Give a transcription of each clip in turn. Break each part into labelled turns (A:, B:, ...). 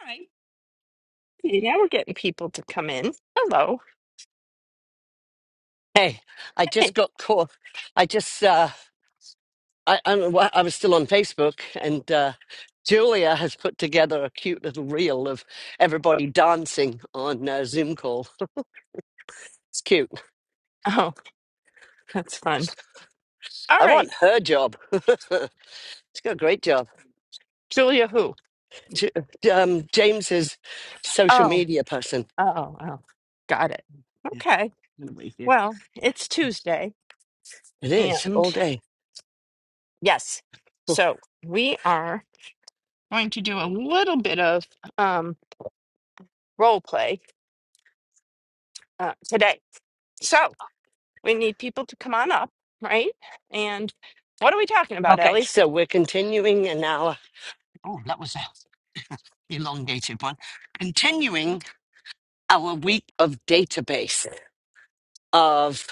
A: Hi. Hey, now we're getting people to come in. Hello.
B: Hey, I just
A: Hey.
B: got caught. I just, uh, I, I, don't know why- I was still on Facebook, and uh, Julia has put together a cute little reel of everybody dancing on uh, Zoom call. It's cute.
A: Oh, that's fun. All
B: I want
A: right.
B: her job. She's got a great job.
A: Julia who?
B: J- um, James is social
A: Oh,
B: media person.
A: oh, oh. Got it.
B: Yeah,
A: Okay.
B: I'm gonna wait here.
A: Well, it's Tuesday
B: It is
A: and
B: all day.
A: yes. So we are going to do a little bit of um role play uh, today. So we need people to come on up, right? And what are we talking about,
B: Okay,
A: Ellie?
B: so we're continuing in our. Oh, that was a elongated one. Continuing our week of database. of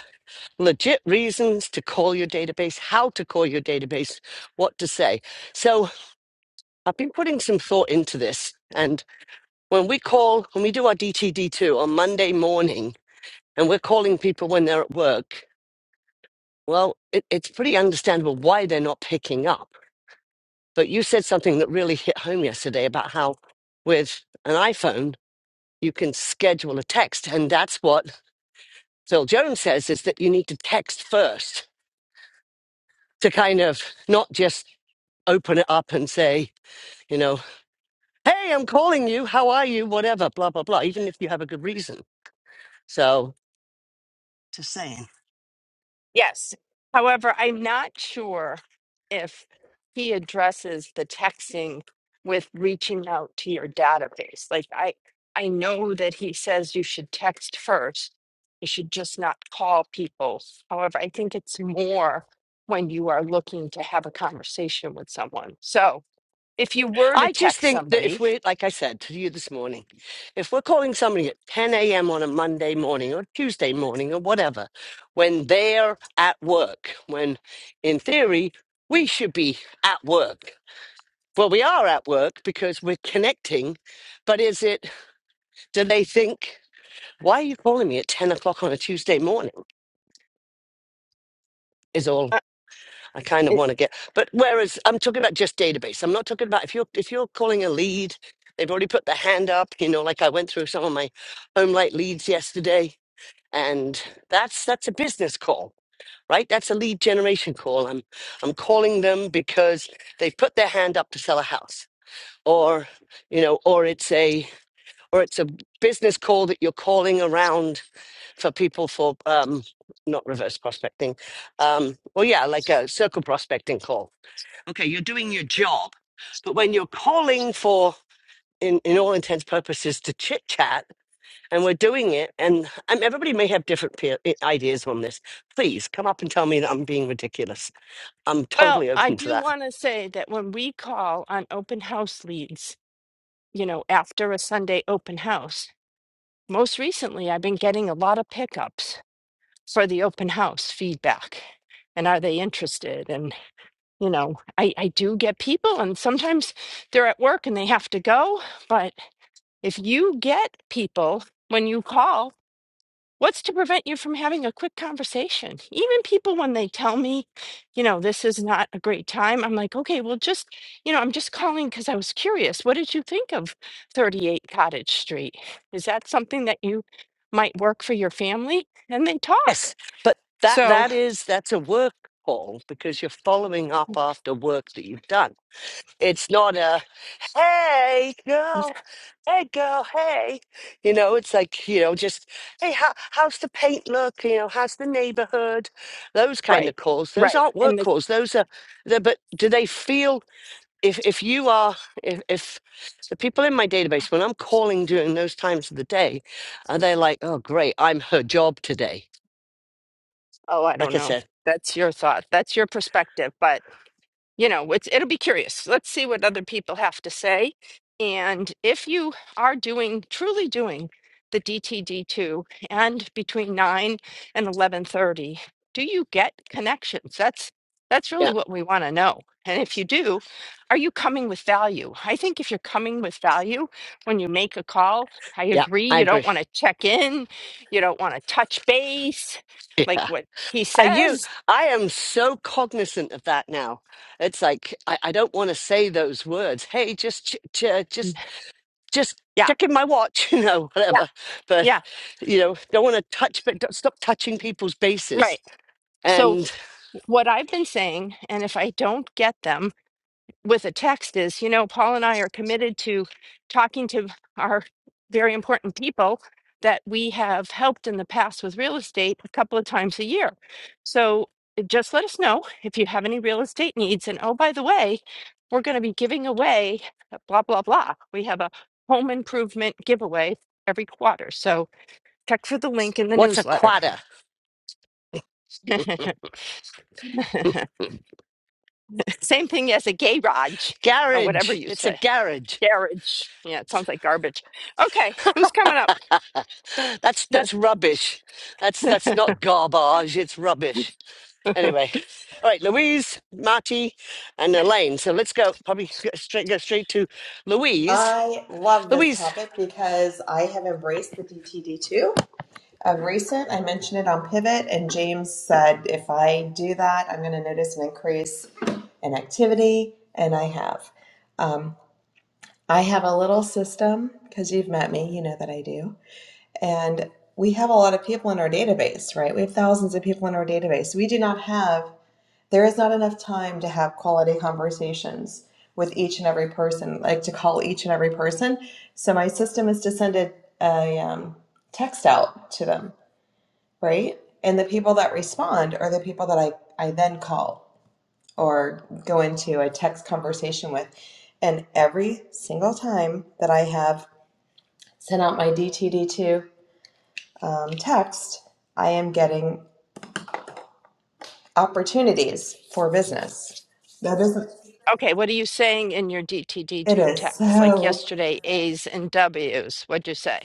B: legit reasons to call your database, how to call your database, what to say. So I've been putting some thought into this. And when we call, when we do our DTD2 on Monday morning, and we're calling people when they're at work, well, it, it's pretty understandable why they're not picking up. But you said something that really hit home yesterday about how with an iPhone, you can schedule a text. And that's what Phil Jones says is that you need to text first to kind of not just open it up and say, you know, hey, I'm calling you. How are you? Whatever, blah, blah, blah, even if you have a good reason. So, just saying.
A: Yes. However, I'm not sure if he addresses the texting with reaching out to your database. Like I I know that he says you should text first. You should just not call people. However, I think it's more when you are looking to have a conversation with someone. So, if you were to
B: I just
A: text
B: think that if
A: somebody,
B: we're, like I said to you this morning, if we're calling somebody at 10 a.m. on a Monday morning or Tuesday morning or whatever, when they're at work, when in theory we should be at work. Well, we are at work because we're connecting, but is it, do they think? why are you calling me at 10 o'clock on a Tuesday morning? Is all
A: uh,
B: I kind of
A: it,
B: want to get. But whereas I'm talking about just database, I'm not talking about if you're if you're calling a lead, they've already put their hand up, you know, like I went through some of my home light leads yesterday, and that's that's a business call, right? That's a lead generation call. I'm I'm calling them because they've put their hand up to sell a house. Or, you know, or it's a or it's a business call that you're calling around for people for um not reverse prospecting um well yeah like a circle prospecting call okay you're doing your job but when you're calling for in, in all intents purposes to chit chat and we're doing it and um, everybody may have different peer, i- ideas on this please come up and tell me that i'm being ridiculous i'm
A: well,
B: totally
A: I
B: open to
A: do
B: that
A: want to say that when we call on open house leads, you know, after a Sunday open house, Most recently, I've been getting a lot of pickups for the open house feedback. And are they interested? And, you know, I, I do get people, and sometimes they're at work and they have to go. But if you get people when you call, What's to prevent you from having a quick conversation? Even people, when they tell me, you know, this is not a great time, I'm like, okay, well, just, you know, I'm just calling because I was curious. What did you think of 38 Cottage Street? Is that something that you might work for your family? And they talk.
B: Yes, but that
A: So,
B: that is that's a work call because you're following up after work that you've done. It's not a hey girl, hey girl, hey. You know, it's like, you know, just hey, how, how's the paint look? You know, how's the neighborhood? Those kind of
A: right,
B: calls. Those
A: right.
B: aren't work
A: And the,
B: calls. Those are the but do they feel if if you are if if the people in my database when I'm calling during those times of the day, are they like, oh great, I'm her job today?
A: oh, I
B: Like
A: don't
B: I
A: know.
B: said.
A: That's your thought. That's your perspective. But you know, it's, it'll be curious. Let's see what other people have to say. And if you are doing, truly doing the DTD2 and between 9 and 11:30, do you get connections? That's that's really
B: Yeah,
A: what we want to know. And if you do, are you coming with value? I think if you're coming with value when you make a call, I
B: yeah,
A: agree
B: I
A: you don't
B: agree.
A: want to check in, you don't want to touch base
B: Yeah.
A: like what he
B: Are you?
A: says.
B: I am so cognizant of that now. It's like I, I don't want to say those words. Hey, just ch- ch- uh, just just
A: Yeah.
B: checking my watch, you know,
A: Yeah.
B: whatever. But
A: Yeah.
B: you know, don't want to touch. But don't, stop touching people's bases.
A: Right. So.
B: And
A: what I've been saying, and if I don't get them with a text, is you know, Paul and I are committed to talking to our very important people that we have helped in the past with real estate a couple of times a year. So just let us know if you have any real estate needs. And oh, by the way, we're going to be giving away blah, blah, blah. We have a home improvement giveaway every quarter. So check for the link in the
B: what's a
A: newsletter.
B: quadra?
A: Same thing as a garage or whatever
B: Garage.
A: you
B: It's a
A: say.
B: garage.
A: Garage. Yeah, it sounds like garbage. Okay, who's coming up?
B: that's that's rubbish. That's that's not garbage. It's rubbish. Anyway, all right, Louise, Marty, and Elaine. So let's go. Probably go straight go straight to Louise.
C: I love this
B: Louise,
C: topic because I have embraced the DTD2 of recent. I mentioned it on Pivot, and James said if I do that, I'm going to notice an increase in activity, and I have. Um, I have a little system because you've met me, you know that I do. And we have a lot of people in our database, right? We have thousands of people in our database. We do not have there is not enough time to have quality conversations with each and every person, like to call each and every person. So my system is to send a, a um, text out to them, right? And the people that respond are the people that I, I then call or go into a text conversation with. And every single time that I have sent out my DTD2 um, text, I am getting opportunities for business. That isn't,
A: Okay, what are you saying in your
C: it
A: DTD2
C: is
A: text? Like
C: so
A: yesterday, A's and W's. What'd you say?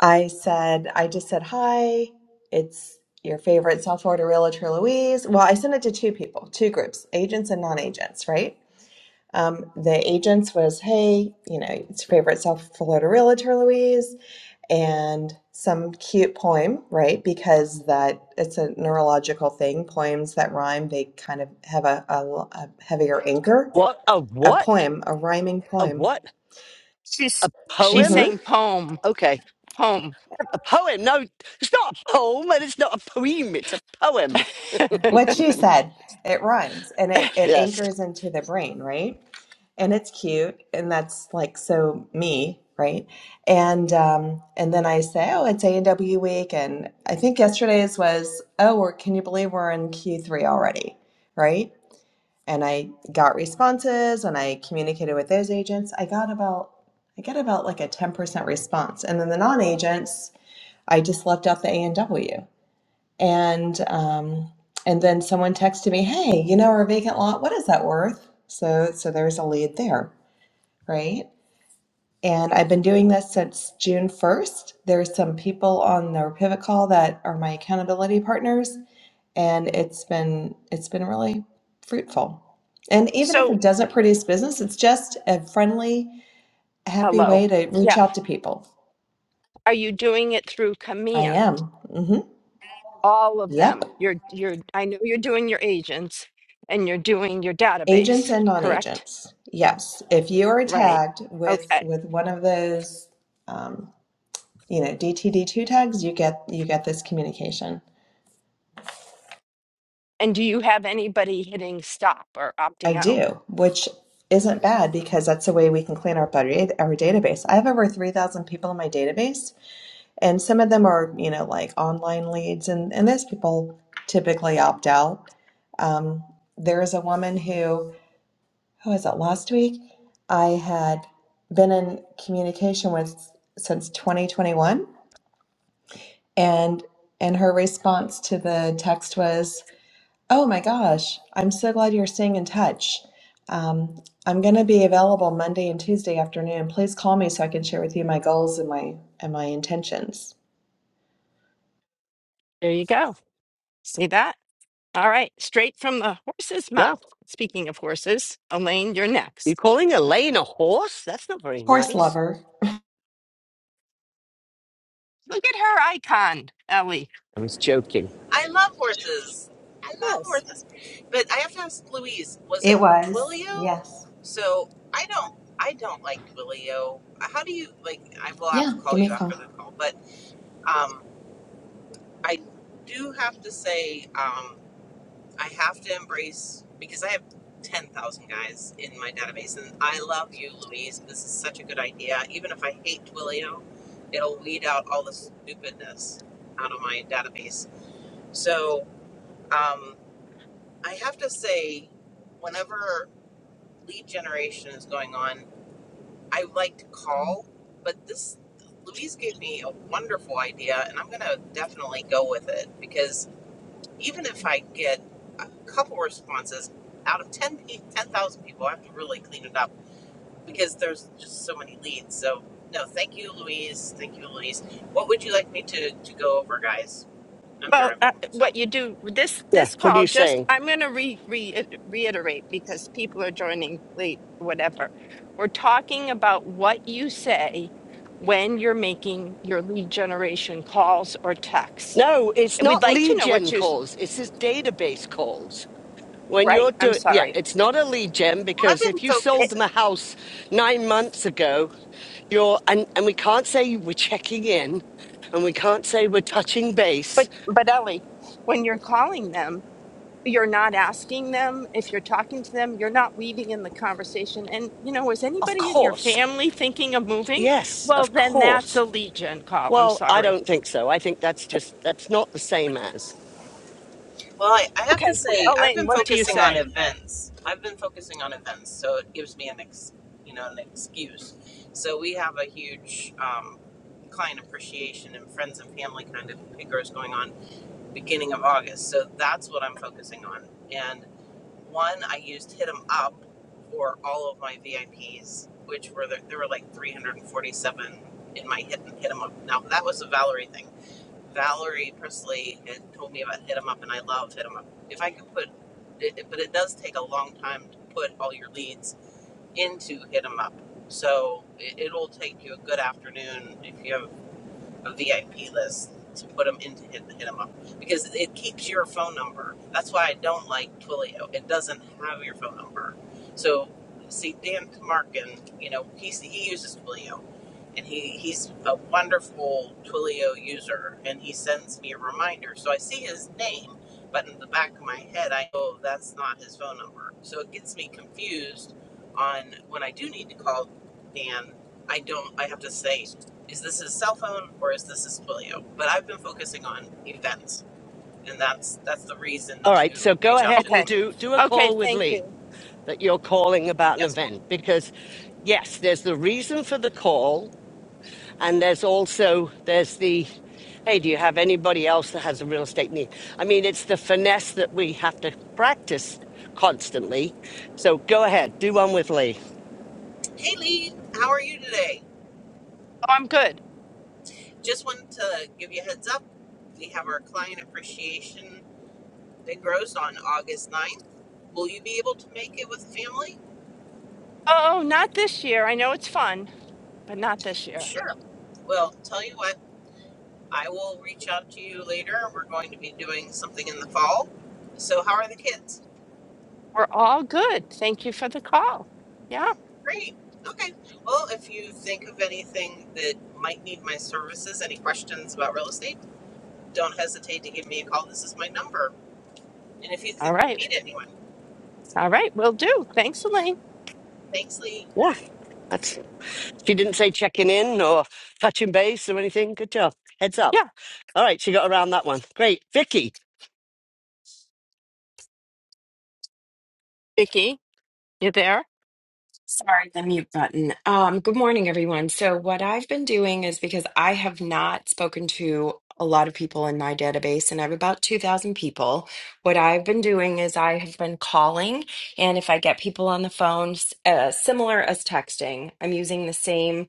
C: I said, I just said, hi, it's your favorite South Florida realtor, Louise. Well, I sent it to two people, two groups, agents and non-agents, right? Um, the agents was, hey, you know, it's your favorite South Florida realtor, Louise, and some cute poem, right? Because that it's a neurological thing. Poems that rhyme, they kind of have a, a, a heavier anchor.
B: what a
C: A
B: what
C: poem, a rhyming
B: a
C: poem.
B: what a
A: She's she's
C: hmm
B: poem?
A: saying poem,
B: Okay,
A: poem.
B: a poem. No, it's not a poem, and it's not a poem. It's a poem.
C: What she said, it rhymes and it, it
B: Yes.
C: anchors into the brain, right? And it's cute, and that's like so me, right? And um, and then I say, oh, it's A and W week, and I think yesterday's was, oh, we're, can you believe we're in Q three already, right? And I got responses, and I communicated with those agents. I got about I get about like a ten percent response, and then the non agents, I just left out the A and W and um, and then someone texted me, "Hey, you know our vacant lot. What is that worth?" So so there's a lead there, right? And I've been doing this since June 1st. There's some people on their pivot call that are my accountability partners, and it's been it's been really fruitful. And even if
A: So
C: it doesn't produce business, it's just a friendly, happy
A: hello.
C: way to reach
A: Yeah.
C: out to people.
A: Are you doing it through
C: I am.
A: command?
C: hmm
A: All of
C: Yep.
A: them. You're you're I know you're doing your agents and you're doing your
C: Agents
A: database,
C: and
A: correct?
C: non-agents. Yes. If you are
A: Right.
C: tagged with
A: Okay.
C: with one of those um, you know, DTD2 tags, you get you get this communication.
A: And do you have anybody hitting stop or
C: I
A: opting out?
C: do, which isn't bad because that's the way we can clean up our, da- our database. I have over 3,000 people in my database, and some of them are, you know, like online leads, and, and those people typically opt out. Um, there is a woman who who was that last week? I had been in communication with since 2021, and and her response to the text was, "Oh my gosh, I'm so glad you're staying in touch. Um, I'm going to be available Monday and Tuesday afternoon. Please call me so I can share with you my goals and my and my intentions."
A: There you go. See that? All right, straight from the horse's
B: No,
A: mouth. Speaking of horses, Elaine, you're
B: you
A: next.
B: calling Elaine a horse? That's not very
C: Horse
B: nice.
C: lover,
A: Look at her icon, Ellie.
B: I was joking.
D: I love horses. I love
A: Yes.
D: horses. But I have to ask Louise, was
C: it
D: it
C: was
D: Twilio?
C: yes,
D: So I don't I don't like Twilio. How do you like I will have
C: yeah.
D: to call
C: Give
D: you
C: me a
D: after
C: call.
D: the call, but um I do have to say um I have to embrace because I have 10,000 guys in my database and I love you Louise. This is such a good idea. Even if I hate Twilio, it'll weed out all the stupidness out of my database. So, um I have to say, whenever lead generation is going on, I like to call, but this Louise gave me a wonderful idea, and I'm going to definitely go with it because even if I get a couple responses out of 10 pe- 10,000 people, I have to really clean it up because there's just so many leads. So, no, thank you, Louise. Thank you, Louise. What would you like me to, to go over, guys? I'm
A: Well, uh,
D: driving. So,
A: what you do this
B: Yeah.
A: this
B: What are
A: call
B: you
A: just
B: saying?
A: I'm going to re, re reiterate because people are joining late whatever. We're talking about what you say when you're making your lead generation calls or texts.
B: No, it's
A: And We'd
B: not
A: like to
B: lead
A: know what
B: gen
A: you s-
B: calls. It's his database calls. When you're
A: right, I'm
B: doing, yeah,
A: sorry.
B: it's not a lead gen
D: I've
B: because
D: been
B: if you
A: It,
B: sold them
D: focusing.
B: a house nine months ago, you're, and, and we can't say we're checking in and we can't say we're touching base.
A: but but Ellie, when you're calling them, you're not asking them. If you're talking to them, you're not weaving in the conversation. And you know, is
B: Of
A: anybody in your
B: course.
A: family thinking of moving?
B: Yes,
A: Well,
B: of
A: then that's
B: course.
A: a lead gen call. I'm
B: Well, I
A: sorry.
B: don't think so. I think that's just, that's not the same as.
D: Well, I, I have to
A: Okay,
D: say, I've been
A: Elaine, what do you
D: focusing on
A: say?
D: events. I've been focusing on events, so it gives me an ex, you know, an excuse. So we have a huge um, client appreciation and friends and family kind of pickers going on beginning of August. So that's what I'm focusing on. And one, I used Hit 'em Up for all of my VIPs, which were the, there were like 347 in my Hit, hit 'em Up. Now that was a Valerie thing Valerie Prisley had told me about Hit 'em Up, and I love Hit 'em Up. If I could put it- but it does take a long time to put all your leads into Hit 'em Up. So it, it'll take you a good afternoon if you have a VIP list to put them in to hit, hit them up because it keeps your phone number. That's why I don't like Twilio. It doesn't have your phone number. So, see, Dan Tamarkin. you know, he's, he uses Twilio and he, he's a wonderful Twilio user and he sends me a reminder. So I see his name, but in the back of my head, I know that's not his phone number. So it gets me confused on when I do need to call Dan. I don't, I have to say is this his cell phone or is this his polio? But I've been focusing on events, and that's that's the reason
B: All right. So
D: to
B: go
D: reach out
B: ahead
D: to
B: and
A: Okay,
D: them.
B: do, do a
A: okay,
B: call with
A: thank you.
B: Lee that you're calling about an
D: Yes.
B: event because yes, there's the reason for the call And there's also there's the hey, do you have anybody else that has a real estate need? I mean, it's the finesse that we have to practice constantly. So go ahead, do one with Lee.
D: Hey Lee, how are you today?
A: Oh, I'm good.
D: Just wanted to give you a heads up. We have our client appreciation that grows on August ninth. Will you be able to make it with family?
A: Oh, not this year. I know it's fun, but not this year.
D: Sure. Well, tell you what, I will reach out to you later. We're going to be doing something in the fall. So, how are the kids?
A: We're all good. Thank you for the call. Yeah.
D: Great. Okay. Well, if you think of anything that might need my services, any questions about real estate, don't hesitate to give me a call. This is my number. And if you
A: All
D: th-
A: right.
D: meet anyone,
A: All right. We'll do. Thanks, Elaine.
D: thanks, Lee.
B: Yeah, that's she didn't say checking in or touching base or anything. Good job. Heads up.
A: Yeah.
B: All right, she got around that one. Great, Vicky.
A: Vicky, you there?
E: Sorry, the mute button. Um, good morning, everyone. So, what I've been doing is because I have not spoken to a lot of people in my database, and I have about 2,000 people. What I've been doing is I have been calling, and if I get people on the phone, s- uh, similar as texting, I'm using the same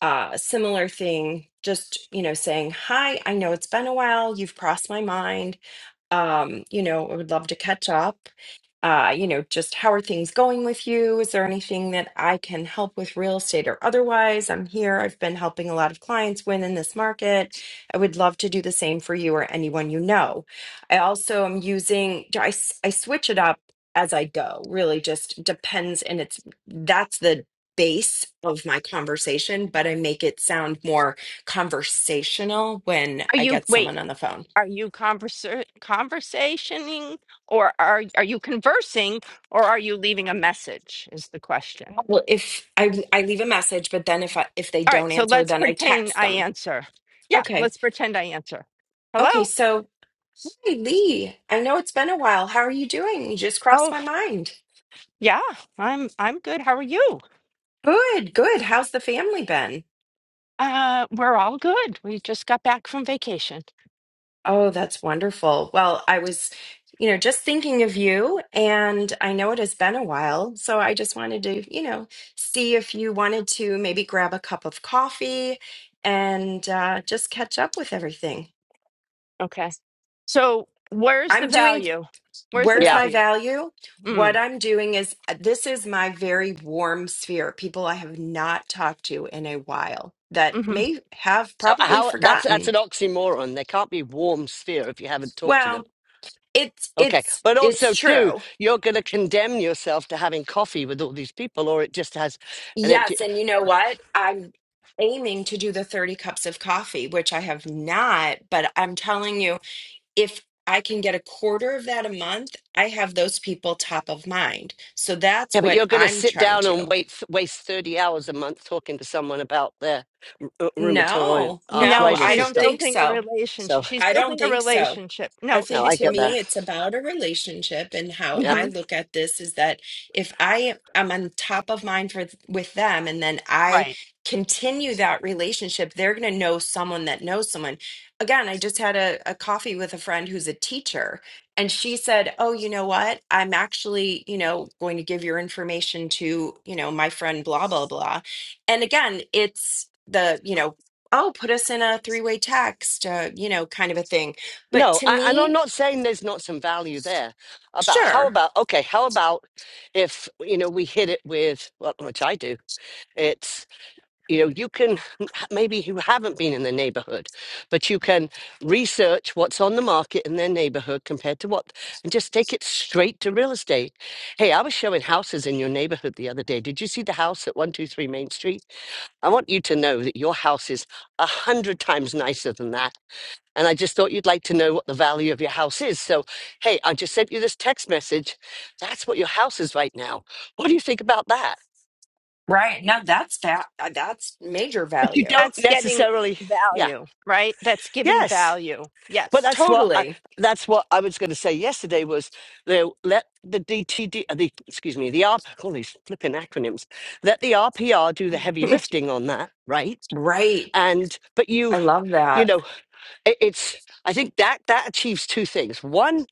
E: uh, similar thing, just, you know, saying, hi, I know it's been a while. You've crossed my mind. Um, you know, I would love to catch up. Uh, you know, just how are things going with you? Is there anything that I can help with real estate or otherwise? I'm here. I've been helping a lot of clients win in this market. I would love to do the same for you or anyone you know. I also am using, I, s- I switch it up as I go, really just depends. And it's that's the base of my conversation, but I make it sound more conversational when
A: Are
E: I
A: you
E: get
A: wait?
E: someone on the phone.
A: Are you converser- conversationing or are, are you conversing or are you leaving a message is the question.
E: Well, if I I leave a message, but then if I if they
A: All right,
E: don't
A: so
E: answer,
A: let's
E: then I
A: pretend
E: text
A: I
E: them.
A: answer. Yeah,
E: Okay.
A: let's pretend I answer.
E: Okay,
A: Hello?
E: so hi Lee. I know it's been a while. How are you doing? You just crossed my
A: Oh,
E: mind.
A: yeah. I'm I'm good. How are you?
E: Good, good. How's the family been?
A: Uh, we're all good. We just got back from vacation.
E: Oh, that's wonderful. Well, I was, you know, just thinking of you, and I know it has been a while. So I just wanted to, you know, see if you wanted to maybe grab a cup of coffee and uh, just catch up with everything.
A: Okay. So, where's the
E: I'm doing,
A: value? Where's the
E: where's
B: Yeah.
E: my
A: value?
E: value? What
A: Mm,
E: I'm doing is uh, this is my very warm sphere, people I have not talked to in a while that
A: hmm
E: may have
B: So
E: probably
B: how that's that's an
E: forgotten.
B: oxymoron. There can't be warm sphere if you haven't talked to them
E: Well, it's
B: Okay.
E: it's
B: But also,
E: it's
B: too,
E: true
B: you're going to condemn yourself to having coffee with all these people, or it just has an empty.
E: Yes, and you know what? I'm aiming to do the 30 cups of coffee, which I have not, but I'm telling you, if I can get a quarter of that a month, I have those people top of mind. So
B: Yeah,
E: that's
B: but
E: what
B: you're going to
E: I'm
B: sit
E: trying
B: down and
E: to.
B: wait, waste 30 hours a month talking to someone about their r- rheumatoid
E: No,
A: No,
E: no, I
B: arthritis
A: she's
B: and
E: don't
B: stuff.
E: think
A: building a
E: so.
B: So,
A: relationship. She's
E: I don't
A: building a
E: think so.
A: relationship.
E: I
A: No,
B: no,
E: think
A: she's
B: I
E: to
B: get
A: building.
E: me,
B: that.
E: it's about a relationship, and how
B: Yeah.
E: I
A: hmm
E: look at this is that if I am on top of mind for, with them, and then I
A: Right.
E: continue that relationship, they're going to know someone that knows someone. Again, I just had a, a coffee with a friend who's a teacher, and she said, "Oh, you know what? I'm actually, you know, going to give your information to, you know, my friend, blah blah blah." And again, it's the you know oh, put us in a three way text, uh, you know, kind of a thing. But
B: No,
E: to
B: I, and I'm
E: me,
B: not saying there's not some value there. About how
E: sure.
B: about, okay, how about if, you know, we hit it with, well, which I do, you know you can maybe you haven't been in the neighborhood but you can research what's on the market in their neighborhood compared to what and just take it straight to real estate hey i was showing houses in your neighborhood the other day did you see the house at 123 main street i want you to know that your house is a hundred times nicer than that and i just thought you'd like to know what the value of your house is so hey i just sent you this text message that's what your house is right now what do you think about that
E: Right. Now that's fat. That's major
B: but you
E: value.
B: don't
A: that's getting
B: necessarily yeah
A: value, right? That's giving
B: yes
A: value.
B: But
A: Yes.
B: that's what I,
E: Totally.
B: that's what I was going to say yesterday was they let the DTD uh, the excuse me the R all these flipping acronyms let the RPR do the heavy lifting on that right
E: right.
B: and but you
E: I love
B: you
E: that.
B: know it, it's I think that that achieves two things one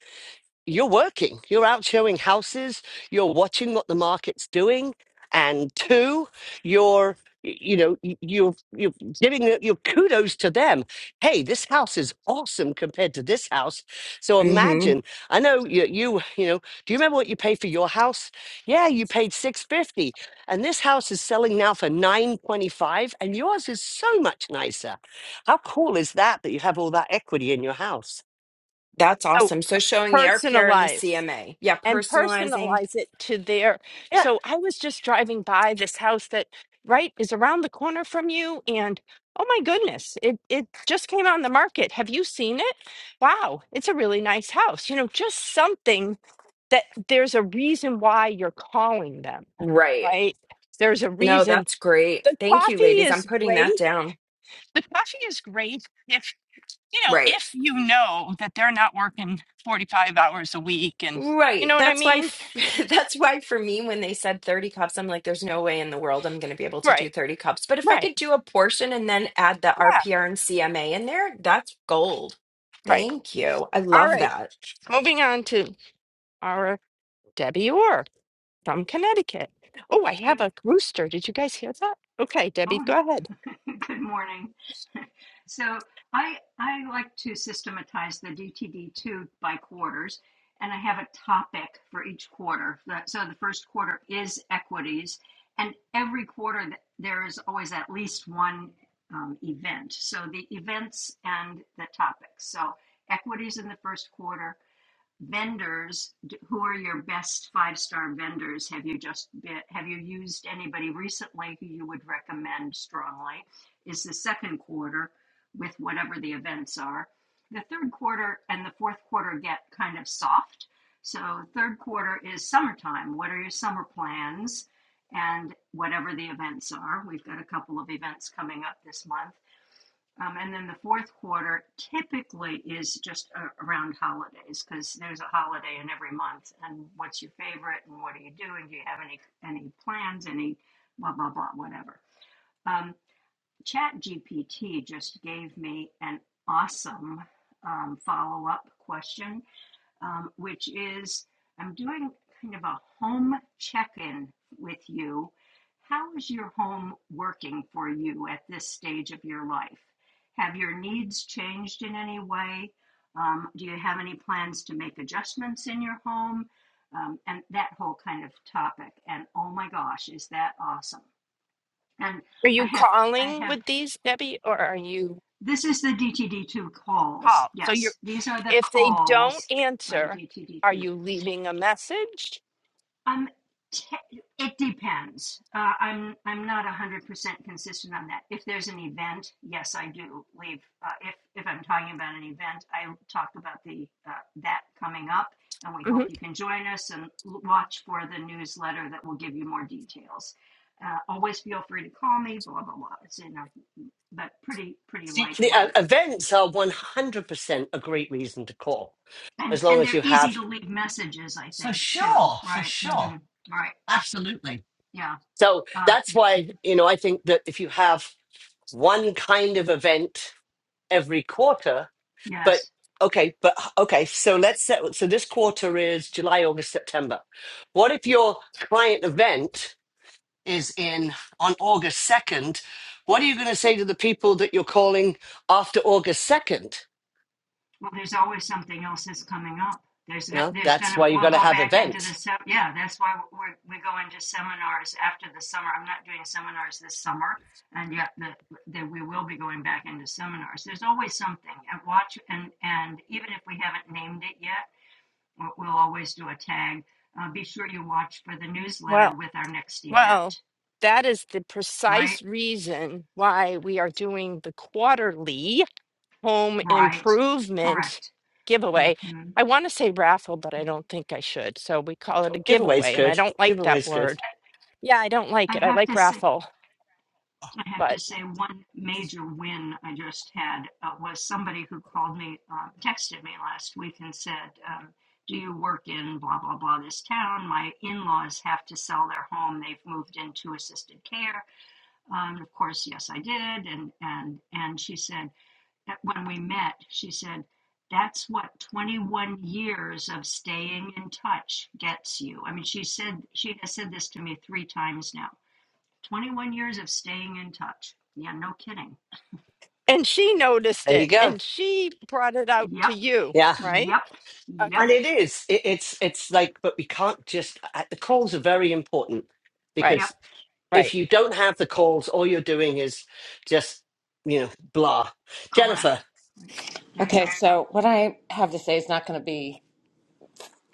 B: you're working, you're out showing houses, you're watching what the market's doing, and two, you're y- you know y- you're you're giving it- your kudos to them. Hey, this house is awesome compared to this house. So
E: hmm
B: imagine. I know you you you know. Do you remember what you paid for your house? Yeah, you paid six fifty, and this house is selling now for nine twenty five, and yours is so much nicer. How cool is that? That you have all that equity in your house.
E: That's
A: So
E: awesome. So
A: per-
E: showing the RPR and the
A: personalize
E: CMA. Yeah.
A: and
E: Personalizing.
A: personalize it to their.
B: Yeah,
A: So I was just driving by this house that right is around the corner from you and oh my goodness, it it just came on the market. Have you seen it? Wow, it's a really nice house. You know, just something that there's a reason why you're calling them,
E: Right.
A: right? There's a
E: No,
A: reason.
E: that's great.
A: The
E: Thank you,
A: coffee
E: ladies. I'm
A: is
E: putting
A: great.
E: that down.
A: The coffee is great you know,
E: Right.
A: if you know that they're not working 45 hours a week and you
E: Right.
A: know what I
E: That's why
A: mean?
E: f- that's why for me when they said 30 cups I'm like there's no way in the world I'm going to be able to do
A: Right,
E: 30 cups. But if I
A: right,
E: could do a portion and then add the
A: yeah,
E: RPR and CMA in there, that's gold.
A: right.
E: Thank you. I
A: All
E: love
A: right,
E: that.
A: moving on to our Debbie Orr from Connecticut. Oh, I have
F: Good.
A: a rooster. Did you guys hear that? Okay, Debbie,
F: Oh,
A: go ahead.
F: good morning. So I I like to systematize the DTD2 by quarters, and I have a topic for each quarter. The- So the first quarter is equities, and every quarter th- there is always at least one um, event. So the events and the topics. So equities in the first quarter vendors who are your best five star vendors have you just been, have you used anybody recently who you would recommend strongly is the second quarter with whatever the events are the third quarter and the fourth quarter get kind of soft so third quarter is summertime what are your summer plans and whatever the events are we've got a couple of events coming up this month um, and then the fourth quarter typically is just uh, around holidays because there's a holiday in every month. And what's your favorite? And what are you doing? Do you have any any plans? Any blah blah blah whatever. Um, Chat GPT just gave me an awesome um, follow up question um, which is I'm doing kind of a home check in with you. How is your home working for you at this stage of your life? Have your needs changed in any way? Um, do you have any plans to make adjustments in your home? Um, and that whole kind of topic. And oh my gosh, is that awesome! And
A: Are
F: I
A: you
F: have, I
A: calling
F: have.
A: with these, Debbie, or are you
F: This is the DTD2 calls.
A: call? So you're
F: Yes, these are the
A: if they don't
F: calls for the
A: answer, are
F: DTD2.
A: you leaving a message?
F: Um, te- it depends. Uh, I'm I'm not one hundred percent consistent on that. If there's an event, yes, I do leave. Uh, if if I'm talking about an event, I talk about the uh, that coming up, and we
A: hmm
F: hope you can join us and l- watch for the newsletter that will give you more details. Uh, always feel free to call me. Blah blah blah. It's enough, but pretty pretty
B: See, the uh,
F: lightweight,
B: events are 100% a great reason to call,
F: and
B: as long
F: and
B: as
F: they're
B: you
F: easy
B: have.
F: to leave messages. I
B: For
F: think too.
B: sure, for
F: Right.
B: sure.
F: Mm-hmm. Right.
B: Absolutely.
F: Yeah.
B: So
F: Uh,
B: that's
F: yeah.
B: why, you know, I think that if you have one kind of event every quarter, but
F: Yes.
B: okay, but okay, so let's set, so this quarter is July, August, September. What if your client event is in on August 2nd? What are you going to say to the people that you're calling after August 2nd?
F: Well, there's always something else that's coming up. There's
B: You know,
F: there's
B: that's
F: gonna
B: why you
F: we'll
B: got to
F: go
B: have
F: back into the
B: events.
F: se- yeah. That's why we're we go into seminars after the summer. I'm not doing seminars this summer, and yet the, that we will be going back into seminars. There's always something and watch and and even if we haven't named it yet, we'll always do a tag. Uh, be sure you watch for the newsletter
A: Well,
F: with our next
A: Well,
F: event.
A: that is the
F: Right,
A: precise reason why we are doing the quarterly home
F: right,
A: improvement
F: correct.
A: giveaway.
F: hmm
A: I want to say raffle, but I
F: Yeah,
A: don't think I should. So we call it a
B: Giveaways
A: giveaway, and I
F: yeah.
B: good.
A: don't like that
B: Giveaways good.
A: word. Yeah, I don't
F: I
A: like it. I
F: have
A: like
F: to say.
A: raffle,
F: I have to
A: but
F: say, one major win I just had uh, was somebody who called me, uh, texted me last week and said, um, Do you work in blah, blah, blah, this town? My in laws have to sell their home. They've moved into assisted care. Um, of course, yes, I did. And, and, and she said, that When we met, she said, That's what 21 years of staying in touch gets you. I mean, she said, she has said this to me three times now 21 years of staying in touch. Yeah, no kidding.
A: and she noticed
B: There you
A: it
F: So,
B: go.
A: and she brought it out
F: yep,
A: to you,
B: Yeah.
A: right?
F: yep,
A: Okay.
F: yep,
B: And it is. It, it's it's like, but we can't just. uh, The calls are very important
A: Right,
F: yep,
B: because if
A: right,
B: you don't have the calls, all you're doing is just you know blah.
A: right,
B: Jennifer,
F: correct. Right. There you go.
G: Okay, so what I have to say is not going to be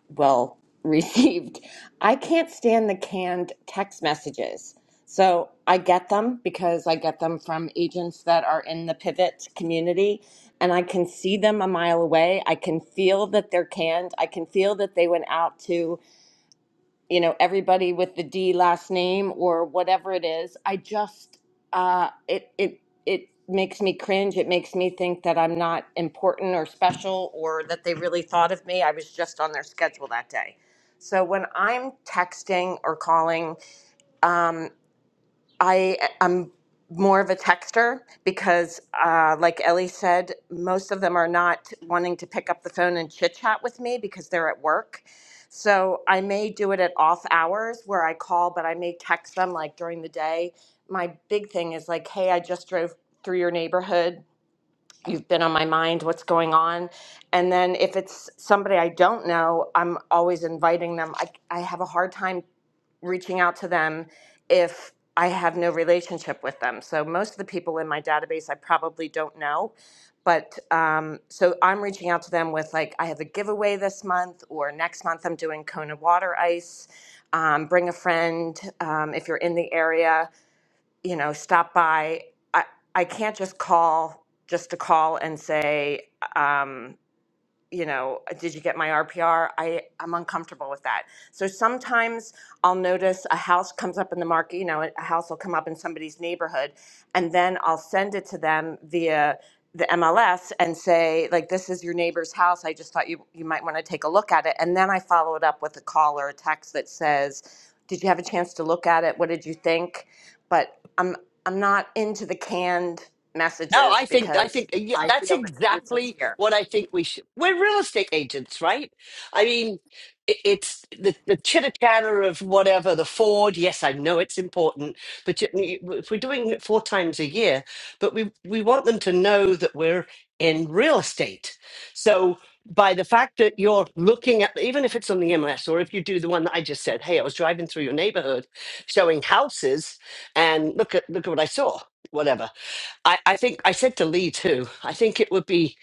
G: well received. I can't stand the canned text messages. So I get them because I get them from agents that are in the pivot community and I can see them a mile away. I can feel that they're canned. I can feel that they went out to you know everybody with the D last name or whatever it is. I just uh, it it it makes me cringe. It makes me think that I'm not important or special or that they really thought of me. I was just on their schedule that day. So when I'm texting or calling, um, I am more of a texter because, uh, like Ellie said, most of them are not wanting to pick up the phone and chit chat with me because they're at work. So I may do it at off hours where I call, but I may text them like during the day. My big thing is like, hey, I just drove through your neighborhood. You've been on my mind. What's going on? And then if it's somebody I don't know, I'm always inviting them. I, I have a hard time reaching out to them if I have no relationship with them. So most of the people in my database I probably don't know. But um, so I'm reaching out to them with like, I have a giveaway this month, or next month I'm doing Kona water ice. Um, bring a friend um, if you're in the area, you know, stop by. I, I can't just call just to call and say, um, you know, uh, did you get my RPR? I, am uncomfortable with that. So sometimes I'll notice a house comes up in the market, you know, a house will come up in somebody's neighborhood, and then I'll send it to them via the MLS and say, like, this is your neighbor's house. I just thought you, you might want to take a look at it. And then I follow it up with a call or a text that says, did you have a chance to look at it? What did you think? But I'm, I'm not into the canned
B: No,
G: messages
B: I think I
G: because
B: think uh, yeah,
G: I
B: that's
G: feel it's
B: exactly
G: insincere.
B: what I think we should. We're real estate agents, right? I mean, it, it's the the chitter chatter of whatever the Ford. Yes, I know it's important, but you- you- if we're doing it four times a year, but we we want them to know that we're in real estate. So by the fact that you're looking at, even if it's on the MLS or if you do the one that I just said, hey, I was driving through your neighborhood, showing houses, and look at look at what I saw, whatever I, I think I said to Lee too, I think it would be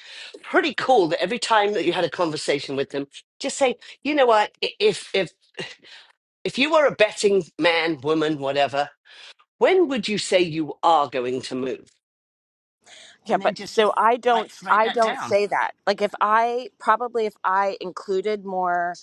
B: pretty cool that every time that you had a conversation with them, just say, you know what, i- if if if you were a betting man, woman, whatever, when would you say you are going to move?
G: Yeah,
B: And then
G: but
B: just
G: so I
B: write
G: don't
B: write
G: I
B: that
G: don't
B: down.
G: say that. Like if I probably if I included more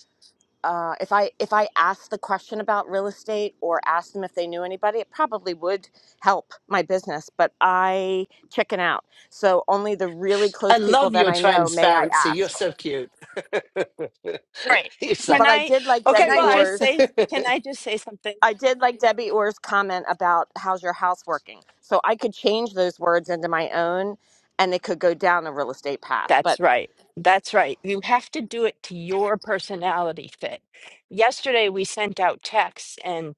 G: uh, if I if I asked the question about real estate or asked them if they knew anybody, it probably would help my business. But I chicken out, so only the really
B: I
G: close people
B: love
G: that
B: your
G: I know may I
B: transparency. You're
G: ask.
B: so cute.
A: right.
B: it's
A: Can
G: But
B: like,
G: I
A: I
G: did like
A: can
B: okay,
G: Debbie
A: I
B: bye.
A: just
G: Orr's.
A: say can I just say something?
G: I did like Debbie Orr's comment about how's your house working. So I could change those words into my own, and it could go down a real estate path. But
A: That's right. That's right. You have to do it to your personality fit. Yesterday, we sent out texts, and.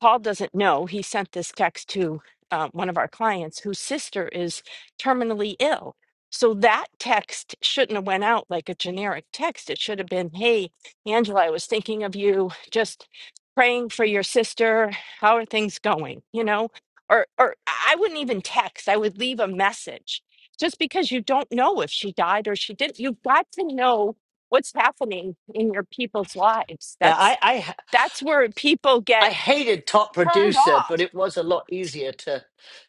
A: Paul doesn't know he sent this text to uh, one of our clients whose sister is terminally ill. So that text shouldn't have went out like a generic text. It should have been, "Hey, Angela, I was thinking of you. Just praying for your sister. How are things going?" You know, or or I wouldn't even text. I would leave a message. Just because you don't know if she died or she didn't, you've got to know what's happening in your people's lives.
B: yeah,
A: That's
B: I,
A: that's where people get
B: I hated Top
A: turned
B: Producer, but
A: off.
B: it was a lot easier to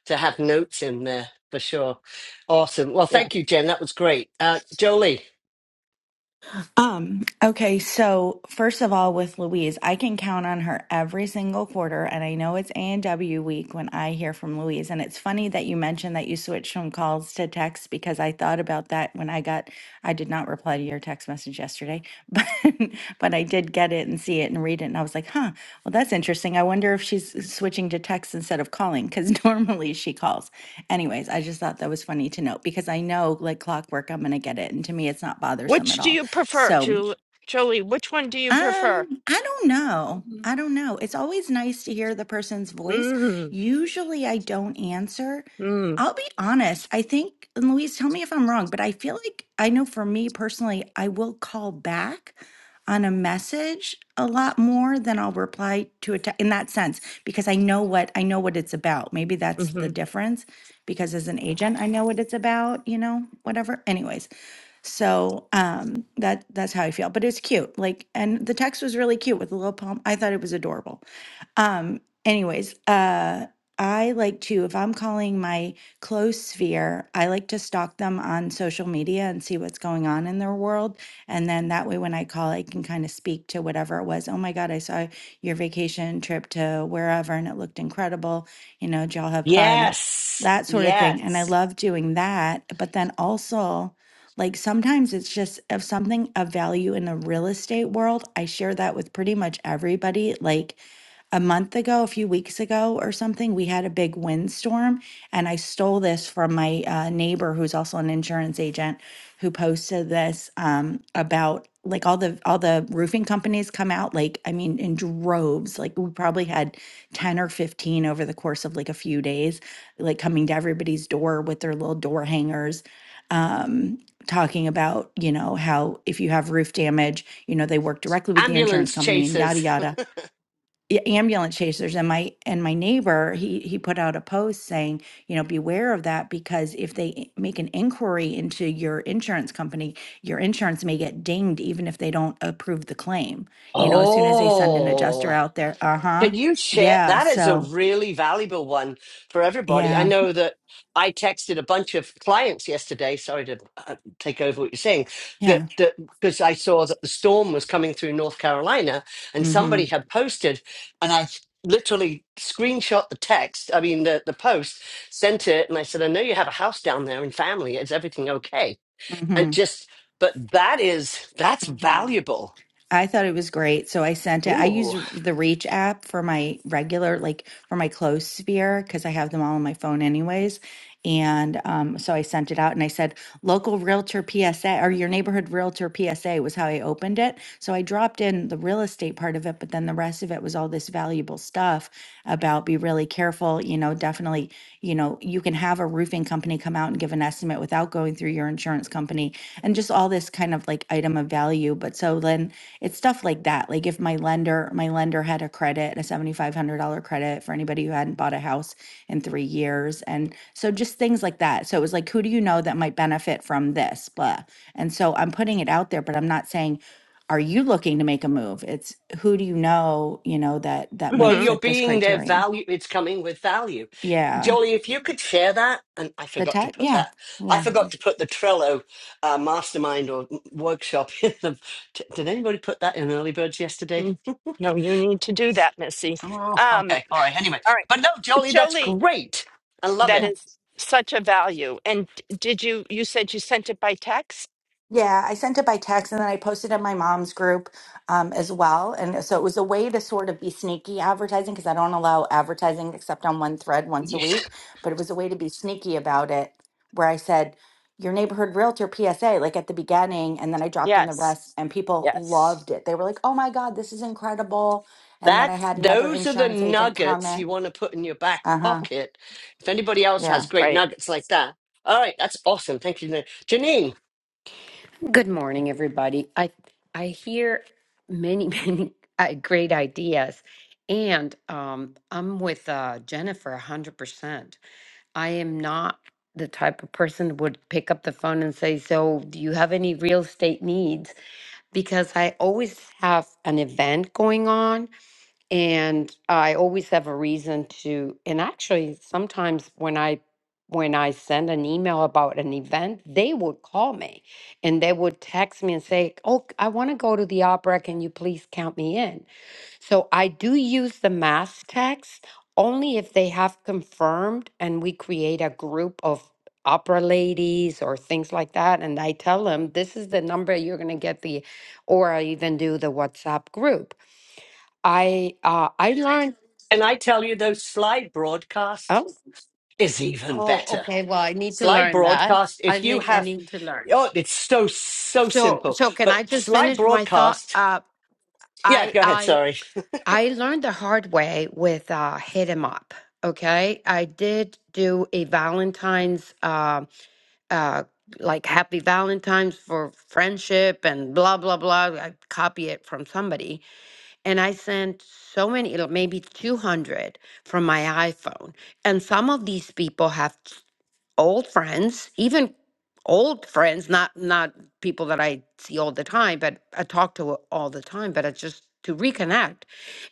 B: to have notes in there for sure. Awesome. Well,
A: Yeah.
B: thank you, Jen. That was great. Uh, Jolie,
H: Um, okay, so first of all, with Louise, I can count on her every single quarter, and I know it's A and W week when I hear from Louise. And it's funny that you mentioned that you switched from calls to text because I thought about that when I got I did not reply to your text message yesterday, but but I did get it and see it and read it, and I was like, huh, well that's interesting. I wonder if she's switching to text instead of calling because normally she calls. Anyways, I just thought that was funny to note because I know like clockwork, I'm gonna get it, and to me it's not bothersome
A: Which
H: at
A: do
H: all.
A: you prefer,
H: So,
A: Julie? Jolie, which one do you prefer?
H: um, I don't know.
A: Mhm.
H: I don't know. It's always nice to hear the person's voice.
A: Mm,
H: Usually I don't answer.
A: mm,
H: I'll be honest. I think, and Louise, tell me if I'm wrong, but I feel like I know for me personally, I will call back on a message a lot more than I'll reply to it in that sense because I know what I know what it's about. Maybe that's the
A: mm-hmm,
H: difference because as an agent, I know what it's about, you know, whatever. Anyways, so um, that that's how I feel. But it's cute. Like, and the text was really cute with the little poem. I thought it was adorable. Um, anyways, uh, I like to if I'm calling my close sphere, I like to stalk them on social media and see what's going on in their world. And then that way, when I call, I can kind of speak to whatever it was. Oh my God, I saw your vacation trip to wherever, and it looked incredible. You know, did y'all have fun?
B: Yes.
H: That sort of thing. And I
B: Yes.
H: love doing that. But then also like sometimes it's just of something of value in the real estate world. I share that with pretty much everybody. Like a month ago, a few weeks ago or something, we had a big windstorm. And I stole this from my uh, neighbor who's also an insurance agent who posted this um, about like all the all the roofing companies come out like i mean in droves like we probably had 10 or 15 over the course of like a few days like coming to everybody's door with their little door hangers Um, talking about, you know, how if you have roof damage, you know, they work directly with the insurance
B: ambulance
H: company and yada
B: chasers.
H: yada. Yeah, Ambulance chasers and my and my neighbor, he he put out a post saying, you know, beware of that because if they i- make an inquiry into your insurance company, your insurance may get dinged even if they don't approve the claim. You know, as soon as they send an adjuster
B: Oh.
H: out there, uh huh,
B: Can you share?
H: yeah.
B: That is a
H: So
B: really valuable one for everybody. I
H: yeah,
B: know that I texted a bunch of clients yesterday. Sorry to uh, take over what you're saying. That
H: yeah.
B: that because I saw that the storm was coming through North Carolina, and
H: Mm hmm.
B: somebody had posted, and I literally screenshot the text. I mean the the post, sent it, and I said, I know you have a house down there and family. Is everything okay?
H: Mm
B: And
H: hmm.
B: just, but that is that's
H: Mm hmm.
B: valuable.
H: I thought it was great. So I sent it. I
B: Ooh.
H: use the Reach app for my regular, like for my close sphere, because I have them all on my phone anyways. And um, so I sent it out and I said, local realtor PSA or your neighborhood realtor PSA was how I opened it. So I dropped in the real estate part of it, but then the rest of it was all this valuable stuff about be really careful. You know, definitely, you know, you can have a roofing company come out and give an estimate without without going through your insurance company and just all this kind of like item of value. But so then it's stuff like that. Like if my lender, my lender had a credit, a $7,500 credit for anybody who hadn't bought a house in three years. And so just things like that. So it was like, who do you know that might benefit from this? Blah. And so I'm putting it out there, but I'm not saying, are you looking to make a move? It's who do you know, you know, that that
B: Well,
H: might
B: you're
A: mm-hmm.
H: fit this
B: being their
H: criteria?
B: value. It's coming with value.
H: Yeah.
B: Jolly, if you could share that, and I
H: The
B: forgot to
H: tech?
B: put
H: Yeah.
B: that, I
H: Yeah.
B: forgot to put the Trello uh, mastermind or workshop in the. d- Did anybody put that in early birds yesterday?
A: mm. No, you need to do that, Missy.
B: Oh,
A: Um,
B: okay. All right. Anyway,
A: all right,
B: but no, Jolly, that's
A: Jolie,
B: great. I love
A: that
B: it.
A: is such a value. And d- did you, you said you sent it by text?
H: Yeah, I sent it by text and then I posted in my mom's group um, as well. And so it was a way to sort of be sneaky advertising because I don't allow advertising except on one thread once a
B: Yeah.
H: week. But it was a way to be sneaky about it where I said, your neighborhood realtor PSA, like at the beginning, and then I dropped in the
A: Yes,
H: rest, and people
A: yes,
H: loved it. They were like, oh my God, this is incredible. And then I
B: That
H: had another
B: those are the
H: insurance agent
B: nuggets
H: comment.
B: you want to put in your back
H: Uh huh.
B: pocket. If anybody else
H: Yeah.
B: has great
A: right.
B: nuggets like that, all right, that's awesome. Thank you, Janine.
I: Good morning, everybody. I I hear many many uh, great ideas, and um, I'm with uh, Jennifer 100. percent I am not the type of person who would pick up the phone and say, "So, do you have any real estate needs?" Because I always have an event going on, and I always have a reason to and actually sometimes when I when I send an email about an event, they would call me and they would text me and say, "Oh, I want to go to the opera. Can you please count me in?" So I do use the mass text only if they have confirmed and we create a group of opera ladies or things like that and I tell them this is the number you're going to get the or I even do the WhatsApp group I uh I learned
B: Can I tell you those slide broadcast?
I: oh
B: is even
I: oh
B: better.
I: okay well I need to
B: Slide
I: learn that
B: Broadcast,
I: I
B: if you
I: need I
B: have,
I: need to learn
B: oh, it's so, so
I: so
B: simple.
I: so can
B: But
I: I just
B: slide
I: finish my thought
B: Broadcast,
I: uh
B: yeah,
I: I
B: go ahead,
I: I
B: sorry.
I: I learned the hard way with uh hit 'em up okay I did do a Valentine's um uh, like happy Valentine's for friendship and blah blah blah I copy it from somebody And I sent so many, like, maybe 200 from my iPhone. And some of these people have old friends, even old friends, not not people that I see all the time, but I talk to all the time, but I just to reconnect.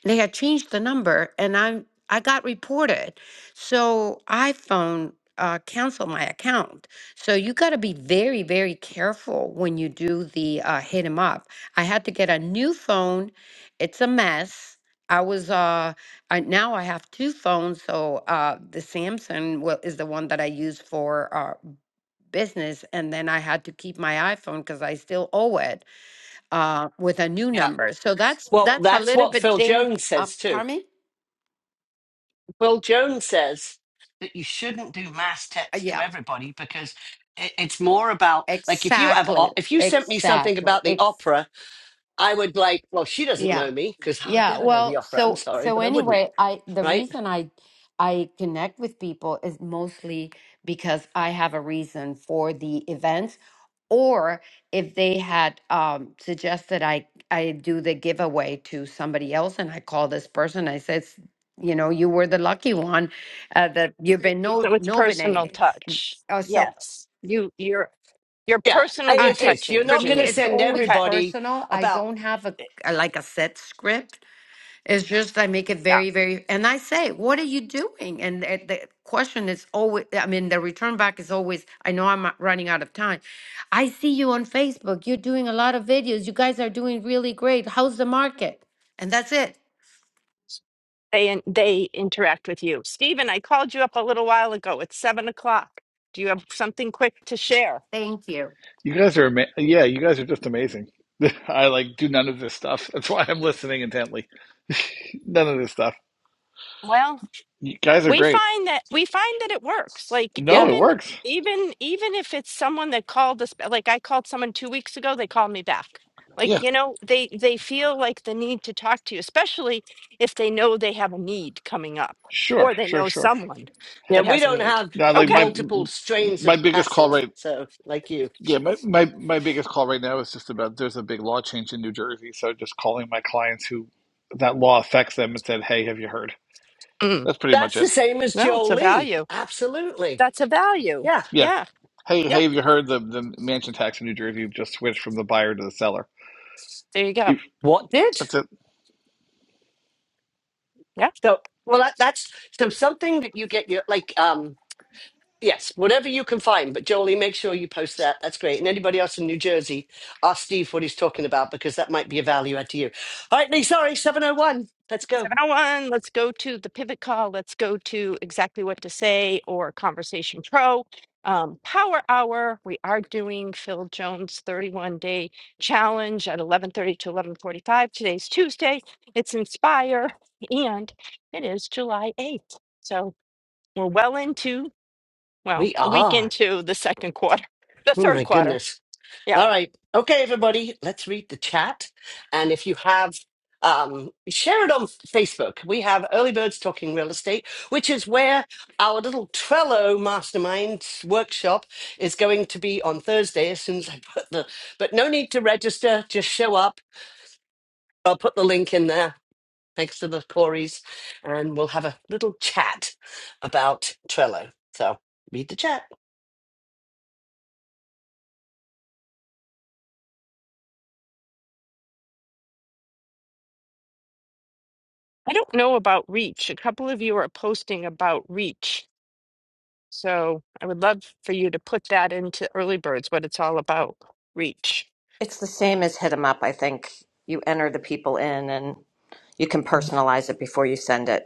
I: And they had changed the number and I'm I got reported. So I phone uh cancel my account. So you got to be very very careful when you do the uh hit 'em up. I had to get a new phone. It's a mess. I was uh I, now I have two phones. So uh, the Samsung will, is the one that I use for uh, business, and then I had to keep my iPhone because I still owe it uh, with a new
B: Yeah.
I: number. So that's
B: Well,
I: that's a
B: that's
I: little
B: what
I: bit
B: Phil
I: dang.
B: Jones
I: Uh,
B: says too.
I: pardon me?
B: Phil Jones says that you shouldn't do mass
I: Uh,
B: text to
I: yeah,
B: everybody because i- it's more about, like, if you have,
I: exactly,
B: o- if you sent me something
I: exactly.
B: about the
I: Ex-
B: opera, I would like, well, she doesn't
I: yeah.
B: know me because I would
I: Yeah,
B: never go to the
I: well,
B: opera. I'm
I: so
B: sorry,
I: so
B: but I wouldn't,
I: anyway, I the
B: right?
I: reason I I connect with people is mostly because I have a reason for the events, or if they had um, suggested I I do the giveaway to somebody else, and I call this person, I said, "S- you know, you were the lucky one uh, that you've been no
A: So it's personal
I: nominating.
A: touch.
I: Uh, so
A: Yes, you, you're, you're
B: Yeah, I-
A: personally
I: I,
B: it's this.
I: it's
B: You're
A: touching
I: for
B: not going
I: me,
B: to
A: Janine.
I: it's
B: send
I: always
A: Okay,
B: everybody
I: personal. I
B: about,
I: don't have a a- like a set script it's just I make it
A: yeah.
I: very, very, and I say, what are you doing? And the, the question is always, I mean, the return back is always, I know I'm uh, running out of time. I see you on Facebook. You're doing a lot of videos. You guys are doing really great. How's the market? And that's it.
A: they they interact with you. Stephen, I called you up a little while ago. It's seven o'clock. Do you have something quick to share?
I: Thank you.
J: You guys are ama- yeah, you guys are just amazing. I like do none of this stuff. That's why I'm listening intently. None of this stuff.
A: Well,
J: You guys are
A: we
J: great.
A: find that we find that it works. Like
J: No,
B: yeah,
J: it
A: even
J: works.
A: even even if it's someone that called us, like I called someone two weeks ago, they called me back. Like
J: Yeah,
A: you know, they they feel like the need to talk to you, especially if they know they have a need coming up
J: sure,
A: or they
J: sure,
A: know
J: sure.
A: someone
B: Yeah,
A: that
B: we
A: has a
B: don't
A: need.
B: have
J: Now, like
A: Okay,
J: my
B: multiple strains of
J: my biggest call
B: passive,
J: right.
B: so like you.
J: Yeah, my, my my biggest call right now is just about there's a big law change in New Jersey, so just calling my clients who that law affects them and said, "Hey, have you heard?"
A: mm.
J: That's pretty much
B: That's the
J: it.
B: same as
A: well, it's a
B: Jolie.
A: value.
B: Absolutely.
A: That's a value.
B: Yeah.
J: Yeah.
A: Yeah,
J: Hey,
A: yeah.
J: hey, have you heard the the mansion tax in New Jersey just switched from the buyer to the seller?
A: There you go.
J: If-
B: What did?
J: That's it.
A: Yeah.
B: So well that, that's so something that you get your like um yes, whatever you can find, but Jolie, make sure you post that. That's great. And anybody else in New Jersey, ask Steve what he's talking about because that might be a value add to you. All right, Lee, sorry, 701. Let's go.
A: 701, let's go to the pivot call. Let's go to exactly what to say or Conversation Pro. Um, Power Hour, we are doing Phil Jones 31 day challenge at 11:30 to 11:45. Today's Tuesday. It's Inspire and it is July 8th. So we're well into, well,
B: We
A: a week
B: are.
A: into the second quarter, the
B: Oh my
A: third quarter.
B: goodness.
A: Yeah.
B: All right. Okay, everybody, let's read the chat. And if you have, um, share it on Facebook. We have Early Birds Talking Real Estate, which is where our little Trello mastermind workshop is going to be on Thursday as soon as I put the, but no need to register, just show up. I'll put the link in there. Thanks to the Corys. And we'll have a little chat about Trello. So read the chat.
A: I don't know about reach. A couple of you are posting about reach So I would love for you to put that into early birds, what it's all about, reach.
G: It's the same as hit 'em up. I think you enter the people in and you can personalize it before you send it.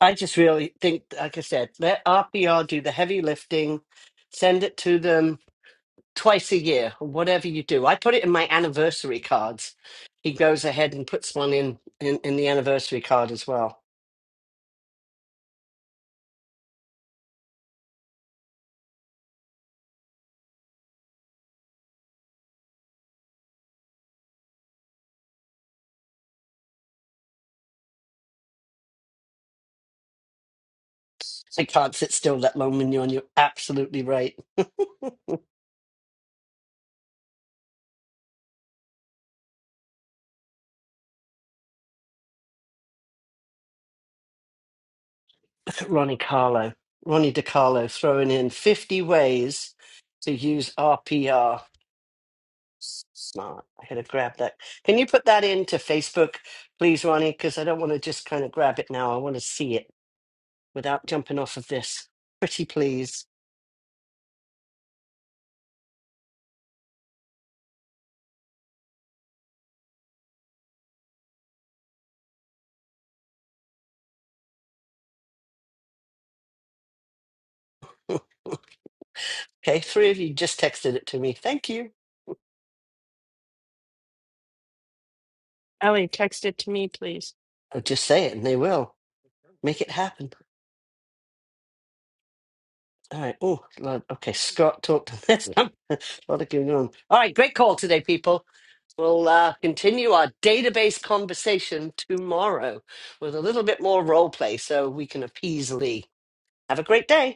B: I just really think, like I said, let RPR do the heavy lifting, send it to them twice a year, or whatever you do. I put it in my anniversary cards. He goes ahead and puts one in in, in the anniversary card as well. I can't sit still that long when you're on. You're absolutely right, Ronnie Carlo, Ronnie DiCarlo, throwing in 50 ways to use RPR. Smart. I had to grab that. Can you put that into Facebook, please, Ronnie? Because I don't want to just kind of grab it now. I want to see it. without jumping off of this. Pretty please. Okay, three of you just texted it to me. Thank you.
A: Ellie, text it to me, please.
B: I'll just say it and they will. Make it happen. All right. Oh, Lord. okay. Scott talked to this. a lot of going on. All right. Great call today, people. We'll uh, continue our database conversation tomorrow with a little bit more role play so we can appease Lee. Have a great day.